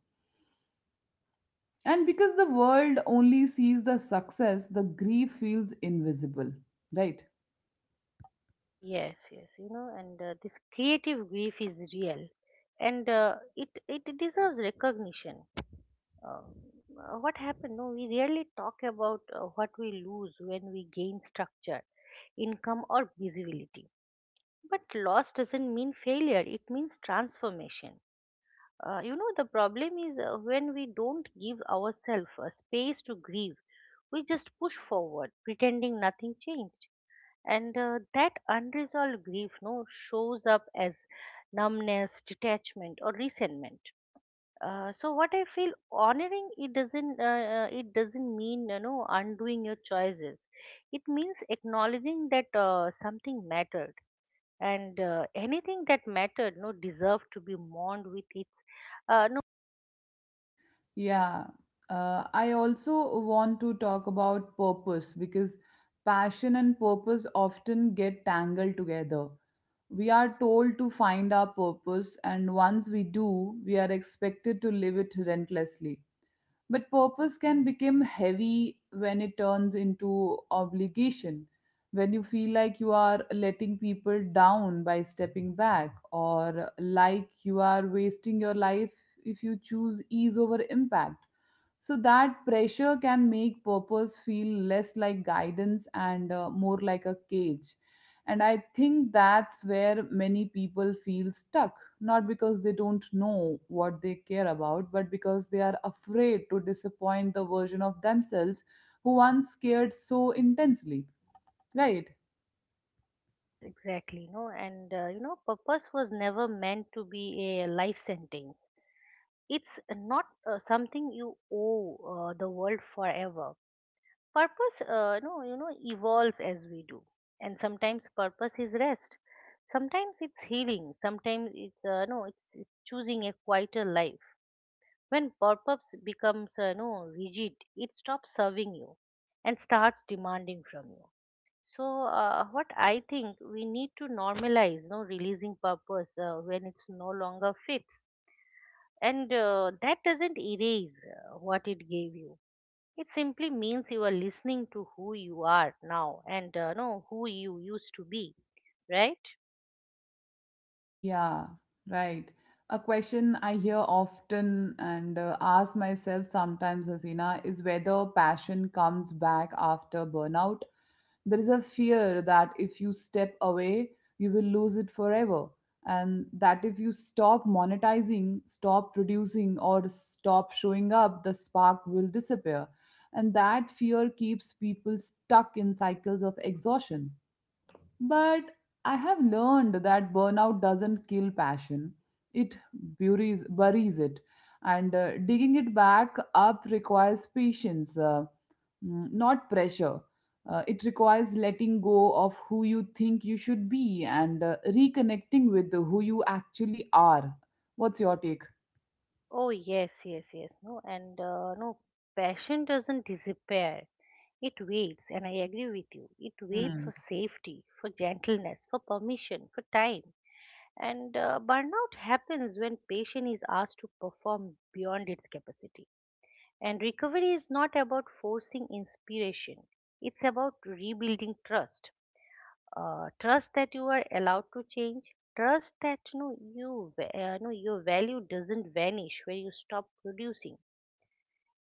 And because the world only sees the success, the grief feels invisible, right?
uh, Yes, yes, you know, and uh, this creative grief is real, and uh, it it deserves recognition. um, uh, what happened? No, We rarely talk about uh, what we lose when we gain structure, income, or visibility. But loss doesn't mean failure, it means transformation. Uh, you know, the problem is uh, when we don't give ourselves a space to grieve, we just push forward, pretending nothing changed. And uh, That unresolved grief no, shows up as numbness, detachment, or resentment. Uh, so what I feel, honoring it doesn't uh, uh, it doesn't mean you know undoing your choices. It means acknowledging that uh, something mattered, and uh, anything that mattered no deserved to be mourned with its uh, no
Yeah, uh, I also want to talk about purpose, because passion and purpose often get tangled together. We are told to find our purpose, and once we do, we are expected to live it relentlessly. But purpose can become heavy when it turns into obligation, when you feel like you are letting people down by stepping back, or like you are wasting your life if you choose ease over impact. So that pressure can make purpose feel less like guidance and uh, more like a cage. And I think that's where many people feel stuck, not because they don't know what they care about, but because they are afraid to disappoint the version of themselves who once cared so intensely, right?
yes, exactly. no and uh, you know Purpose was never meant to be a life sentence. It's not uh, something you owe uh, the world forever. Purpose uh, no you know evolves as we do, and sometimes purpose is rest, sometimes it's healing, sometimes it's uh, no it's, it's choosing a quieter life. When purpose becomes uh, no rigid, it stops serving you and starts demanding from you. So uh, what I think we need to normalize, no releasing purpose uh, when it's no longer fits. And uh, that doesn't erase uh, what it gave you. It simply means you are listening to who you are now and uh, no who you used to be, right?
Yeah, right. A question I hear often and uh, ask myself sometimes, Hasina, is whether passion comes back after burnout. There is a fear that if you step away, you will lose it forever. And that if you stop monetizing, stop producing, or stop showing up, the spark will disappear. And that fear keeps people stuck in cycles of exhaustion. But I have learned that burnout doesn't kill passion, it buries, buries it. And uh, Digging it back up requires patience, uh, mm, not pressure. Uh, it requires letting go of who you think you should be and uh, reconnecting with who you actually are. What's your take?
Oh yes, yes, yes. No, and uh, no Passion doesn't disappear. It waits, and I agree with you. It waits
Hmm.
for safety, for gentleness, for permission, for time. And uh, Burnout happens when patient is asked to perform beyond its capacity. And recovery is not about forcing inspiration. It's about rebuilding trust. Uh, trust that you are allowed to change, trust that no you va- uh, no your value doesn't vanish when you stop producing.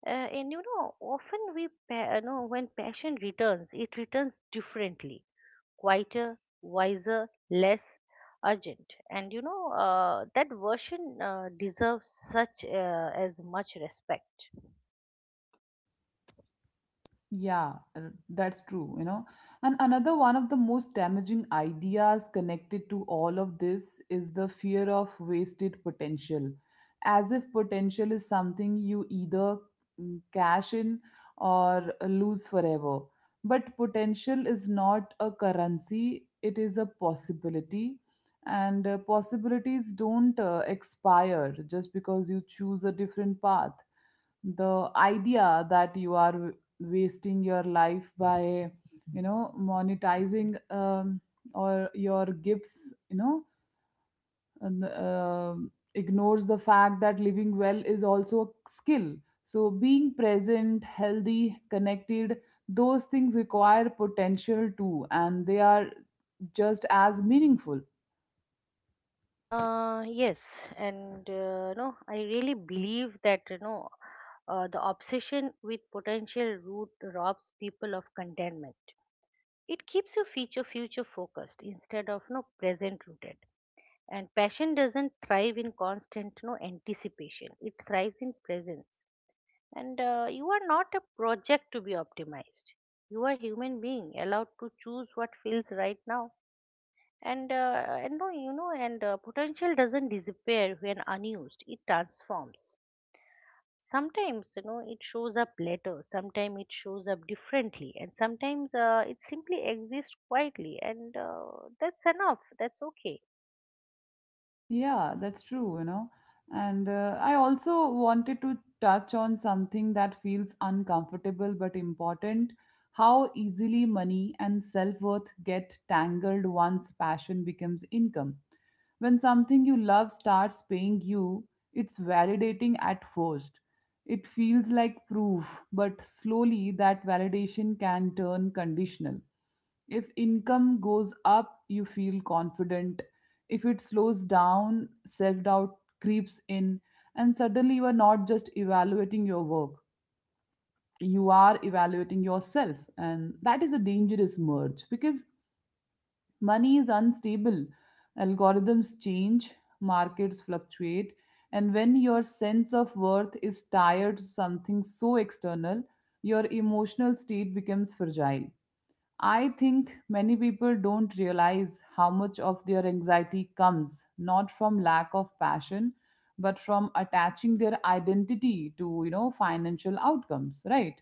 Uh, and you know Often we pa- uh, know when passion returns, it returns differently, quieter, wiser, less urgent, and you know uh, that version uh, deserves such uh, as much respect.
Yeah, r- that's true, you know. And another one of the most damaging ideas connected to all of this is the fear of wasted potential, as if potential is something you either mm, cash in or lose forever. But potential is not a currency, it is a possibility. And uh, Possibilities don't uh, expire just because you choose a different path. The idea that you are wasting your life by you know monetizing um, or your gifts you know and, um ignores the fact that living well is also a skill. So being present, healthy, connected, those things require potential too, and they are just as meaningful.
Uh, yes, and uh, no, I really believe that, you know uh, the obsession with potential root robs people of contentment. It keeps you future future focused instead of no present rooted. And passion doesn't thrive in constant no anticipation. It thrives in presence. And uh, You are not a project to be optimized. You are human being allowed to choose what feels right now. And uh, and no, you know and uh, Potential doesn't disappear when unused, it transforms. Sometimes you know it shows up later, sometimes it shows up differently, and sometimes uh, it simply exists quietly, and uh, that's enough, that's okay.
Yeah, that's true, you know. And uh, I also wanted to touch on something that feels uncomfortable but important: how easily money and self worth get tangled once passion becomes income. When something you love starts paying you, it's validating at first. It feels like proof, but slowly that validation can turn conditional. If income goes up, you feel confident. If it slows down, self doubt creeps in, and suddenly you are not just evaluating your work, you are evaluating yourself. And that is a dangerous merge because money is unstable, algorithms change, markets fluctuate, and when your sense of worth is tied to something so external, your emotional state becomes fragile. I think many people don't realize how much of their anxiety comes not from lack of passion but from attaching their identity to you know financial outcomes, right?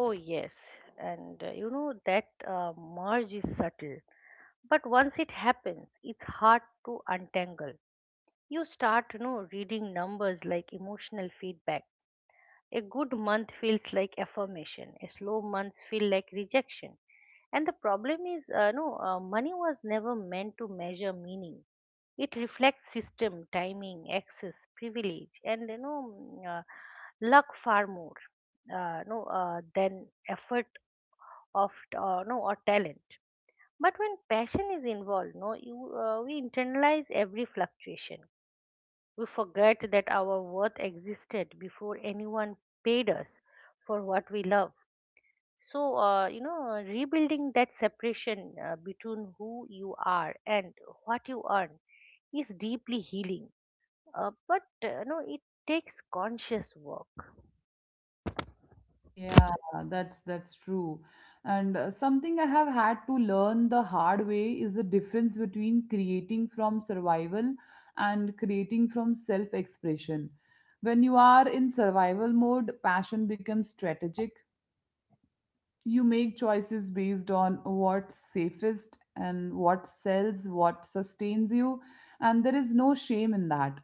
Oh yes. and uh, you know That uh, merge is subtle, but once it happens, it's hard to untangle. You start, you know reading numbers like emotional feedback. A good month feels like affirmation, a slow month feel like rejection. And the problem is, uh, no, uh, money was never meant to measure meaning. It reflects system, timing, access, privilege, and, you know, mm, uh, luck, far more, uh, no, uh, than effort, of uh, no or talent. But when passion is involved, no, you uh, we internalize every fluctuation, we forget that our worth existed before anyone paid us for what we love. So, uh, you know, uh, rebuilding that separation uh, between who you are and what you earn is deeply healing. Uh, but, uh, you know, it takes conscious work.
Yeah, that's that's true. and uh, something I have had to learn the hard way is the difference between creating from survival and creating from self expression. When you are in survival mode, passion becomes strategic. You make choices based on what's safest and what sells, what sustains you, and there is no shame in that.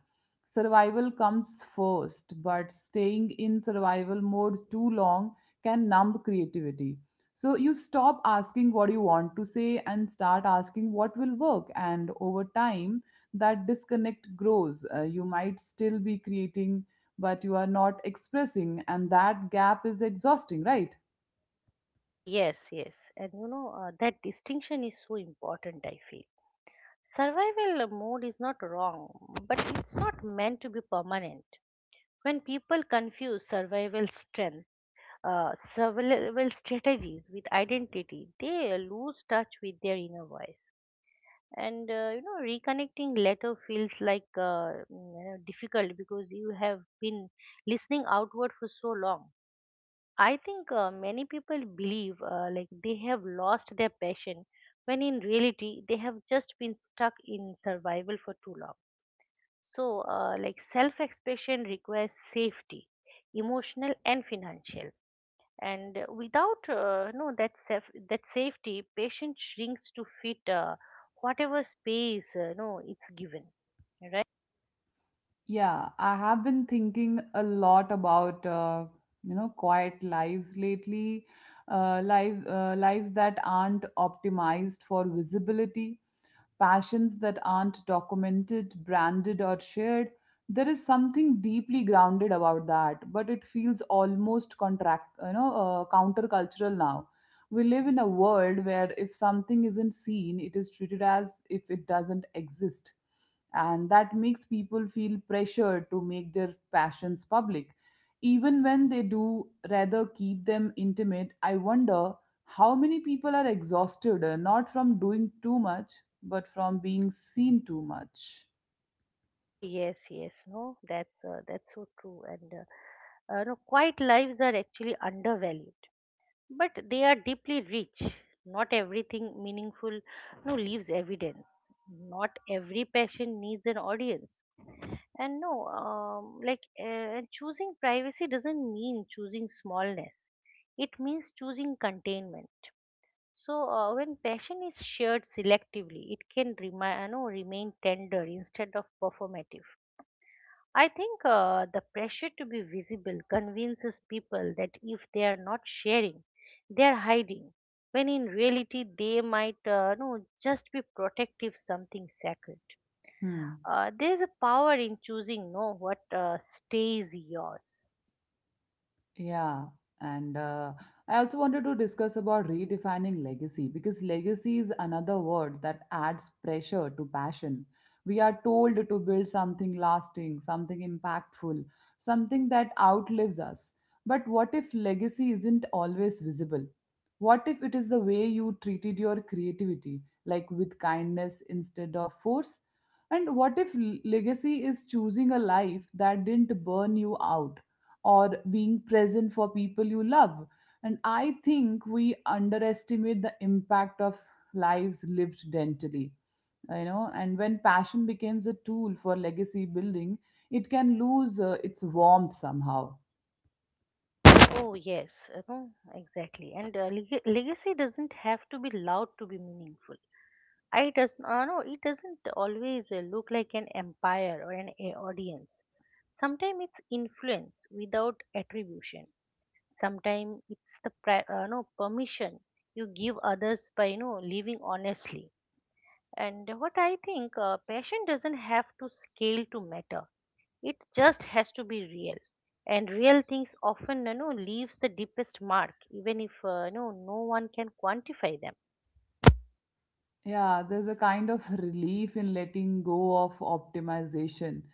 Survival comes first, but staying in survival mode too long can numb creativity. So you stop asking what you want to say and start asking what will work, and over time, that disconnect grows. Uh, you might still be creating, but you are not expressing, and that gap is exhausting, right?
Oh, yes, yes. And, you know, uh, that distinction is so important, I feel. Survival mode is not wrong, but it's not meant to be permanent. When people confuse survival strength uh, survival strategies with identity, they lose touch with their inner voice. And uh, you know, reconnecting later feels like uh, mm, you know, difficult because you have been listening outward for so long. I think uh, many people believe uh, like they have lost their passion, when in reality they have just been stuck in survival for too long. So, uh, like self-expression requires safety, emotional and financial, and uh, without uh, no that saf- that safety, patient shrinks to fit uh, whatever space uh, no it's given.
Yeah, I have been thinking a lot about uh, you know quiet lives lately, uh, live uh, lives that aren't optimized for visibility, passions that aren't documented, branded, or shared. There is something deeply grounded about that, but it feels almost contract, you know, uh, countercultural now. We live in a world where if something isn't seen, it is treated as if it doesn't exist, and that makes people feel pressured to make their passions public, even when they do rather keep them intimate. I wonder how many people are exhausted uh, not from doing too much but from being seen too much.
Oh yes, yes. no that's uh, That's so true, and uh, uh, no quiet lives are actually undervalued, but they are deeply rich. Not everything meaningful no leaves evidence, not every passion needs an audience. And no, um, like uh, Choosing privacy doesn't mean choosing smallness. It means choosing containment. So uh, when passion is shared selectively, it can remi- you know, remain tender instead of performative. I think uh, the pressure to be visible convinces people that if they are not sharing, they are hiding. When in reality, they might uh, no, just be protective something sacred.
Hmm.
Uh, there's a power in choosing no what uh, stays yours.
Yeah, and uh, I also wanted to discuss about redefining legacy, because legacy is another word that adds pressure to passion. We are told to build something lasting, something impactful, something that outlives us. But what if legacy isn't always visible? What if it is the way you treated your creativity, like with kindness instead of force? And what if l- legacy is choosing a life that didn't burn you out, or being present for people you love? And I think we underestimate the impact of lives lived dentally. You know, and when passion becomes a tool for legacy building, it can lose uh, its warmth somehow.
Oh yes, uh, no, exactly. And uh, leg- legacy doesn't have to be loud to be meaningful. I does uh, no, It doesn't always uh, look like an empire or an a- audience. Sometimes it's influence without attribution. Sometimes it's the pri- uh, no permission you give others by you know living honestly. And what I think, uh, passion doesn't have to scale to matter, it just has to be real. And real things often, you know leaves the deepest mark, even if, uh, you know no one can quantify them.
Yeah, there's a kind of relief in letting go of optimization,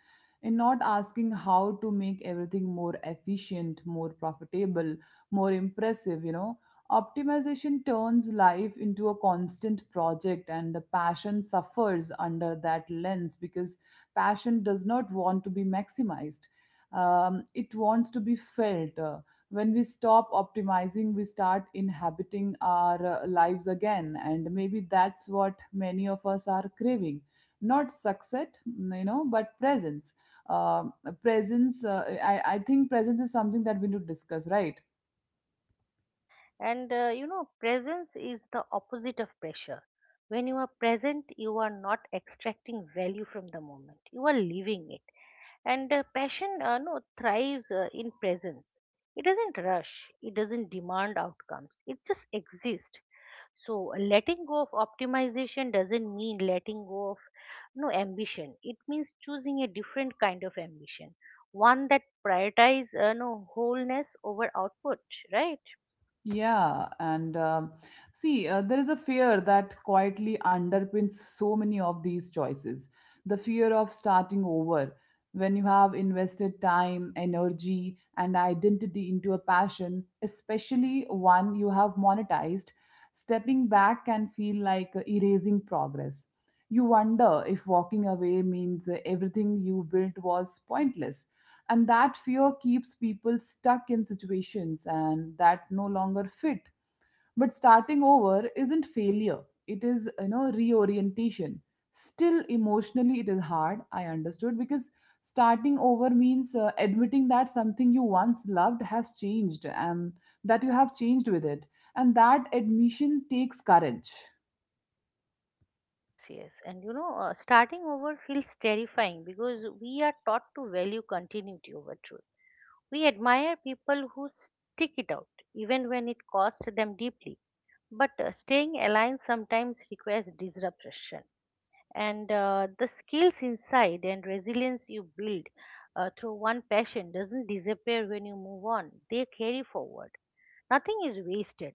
in not asking how to make everything more efficient, more profitable, more impressive, you know. Optimization turns life into a constant project, and the passion suffers under that lens because passion does not want to be maximized. Um, it wants to be felt. Uh, when we stop optimizing, we start inhabiting our uh, lives again, and maybe that's what many of us are craving, not success mm, you know but presence. Uh, presence uh, I, I think presence is something that we need to discuss, right?
And uh, you know Presence is the opposite of pressure. When you are present, you are not extracting value from the moment, you are living it. And uh, passion uh, no thrives uh, in presence. It doesn't rush, it doesn't demand outcomes, it just exists. So letting go of optimization doesn't mean letting go of no ambition. It means choosing a different kind of ambition, one that prioritizes uh, no wholeness over output, right?
Yeah, and um, see, uh, there is a fear that quietly underpins so many of these choices: the fear of starting over. When you have invested time, energy, and identity into a passion, especially one you have monetized, stepping back can feel like erasing progress. You wonder if walking away means everything you built was pointless, and that fear keeps people stuck in situations and that no longer fit. But starting over isn't failure, it is you know reorientation. Still, emotionally it is hard, I understood, because starting over means uh, admitting that something you once loved has changed and that you have changed with it, and that admission takes courage.
Yes, yes. And you know, uh, starting over feels terrifying because we are taught to value continuity over truth. We admire people who stick it out, even when it costs them deeply. But uh, staying aligned sometimes requires disruption, and uh, the skills inside and resilience you build uh, through one passion doesn't disappear when you move on, they carry forward. Nothing is wasted.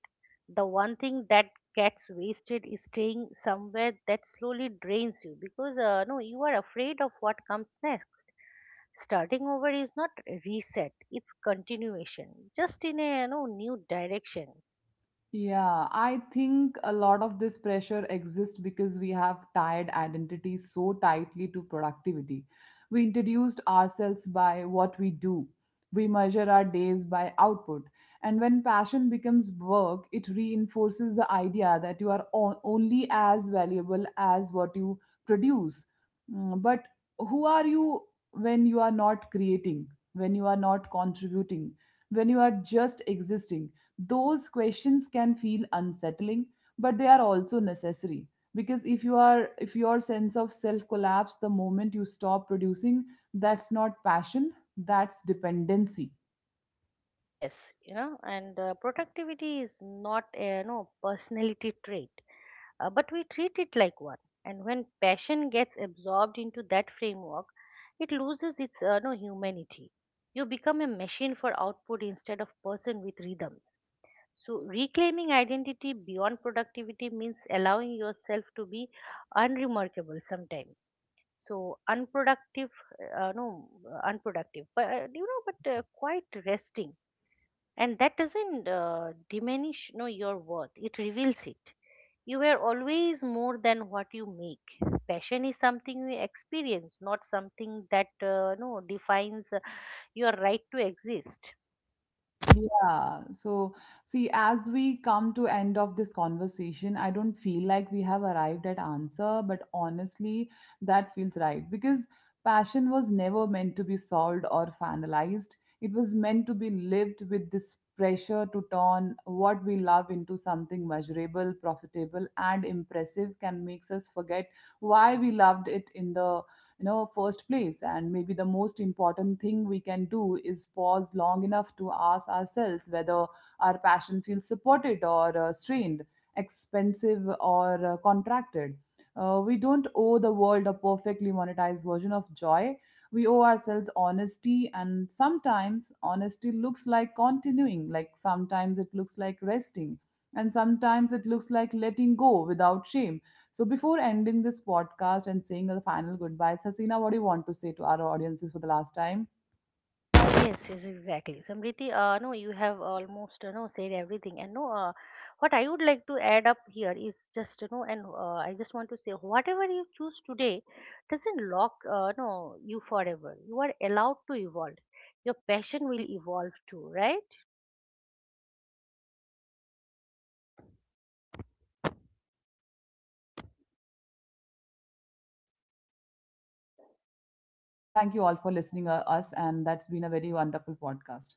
The one thing that gets wasted is staying somewhere that slowly drains you because uh, no you are afraid of what comes next. Starting over is not reset, it's continuation, just in a, you know, new direction.
Yeah, I think a lot of this pressure exists because we have tied identity so tightly to productivity. We introduced ourselves by what we do, we measure our days by output. And when passion becomes work, it reinforces the idea that you are o- only as valuable as what you produce. Mm, But who are you when you are not creating, when you are not contributing, when you are just existing? Those questions can feel unsettling, but they are also necessary, because if you are if your sense of self collapse the moment you stop producing, that's not passion, that's dependency.
Yes, you know, and uh, productivity is not a no personality trait, uh, but we treat it like one. And when passion gets absorbed into that framework, it loses its uh, no humanity. You become a machine for output instead of person with rhythms. So reclaiming identity beyond productivity means allowing yourself to be unremarkable sometimes. So unproductive, uh, no, unproductive, but, uh, you know, but uh, quite resting, and that doesn't uh, diminish no your worth, it reveals it. You are always more than what you make. Passion is something you experience, not something that uh, no defines uh, your right to exist.
Yeah, so see, as we come to end of this conversation, I don't feel like we have arrived at answer, but honestly, that feels right because passion was never meant to be solved or finalized. It was meant to be lived. With this pressure to turn what we love into something measurable, profitable, and impressive can makes us forget why we loved it in the you know first place. And maybe the most important thing we can do is pause long enough to ask ourselves whether our passion feels supported or uh, strained, expensive or uh, contracted. Uh, we don't owe the world a perfectly monetized version of joy, we owe ourselves honesty. And sometimes honesty looks like continuing, like sometimes it looks like resting, and sometimes it looks like letting go without shame. So before ending this podcast and saying the final goodbye, Hasina, what do you want to say to our audiences for the last time?
Yes, yes, exactly. Samriti, uh, no, you have almost uh, no said everything, and no, uh, what I would like to add up here is just, you know, and uh, I just want to say, whatever you choose today doesn't lock uh, no you forever. You are allowed to evolve. Your passion will evolve too, right?
Thank you all for listening to us, and that's been a very wonderful podcast.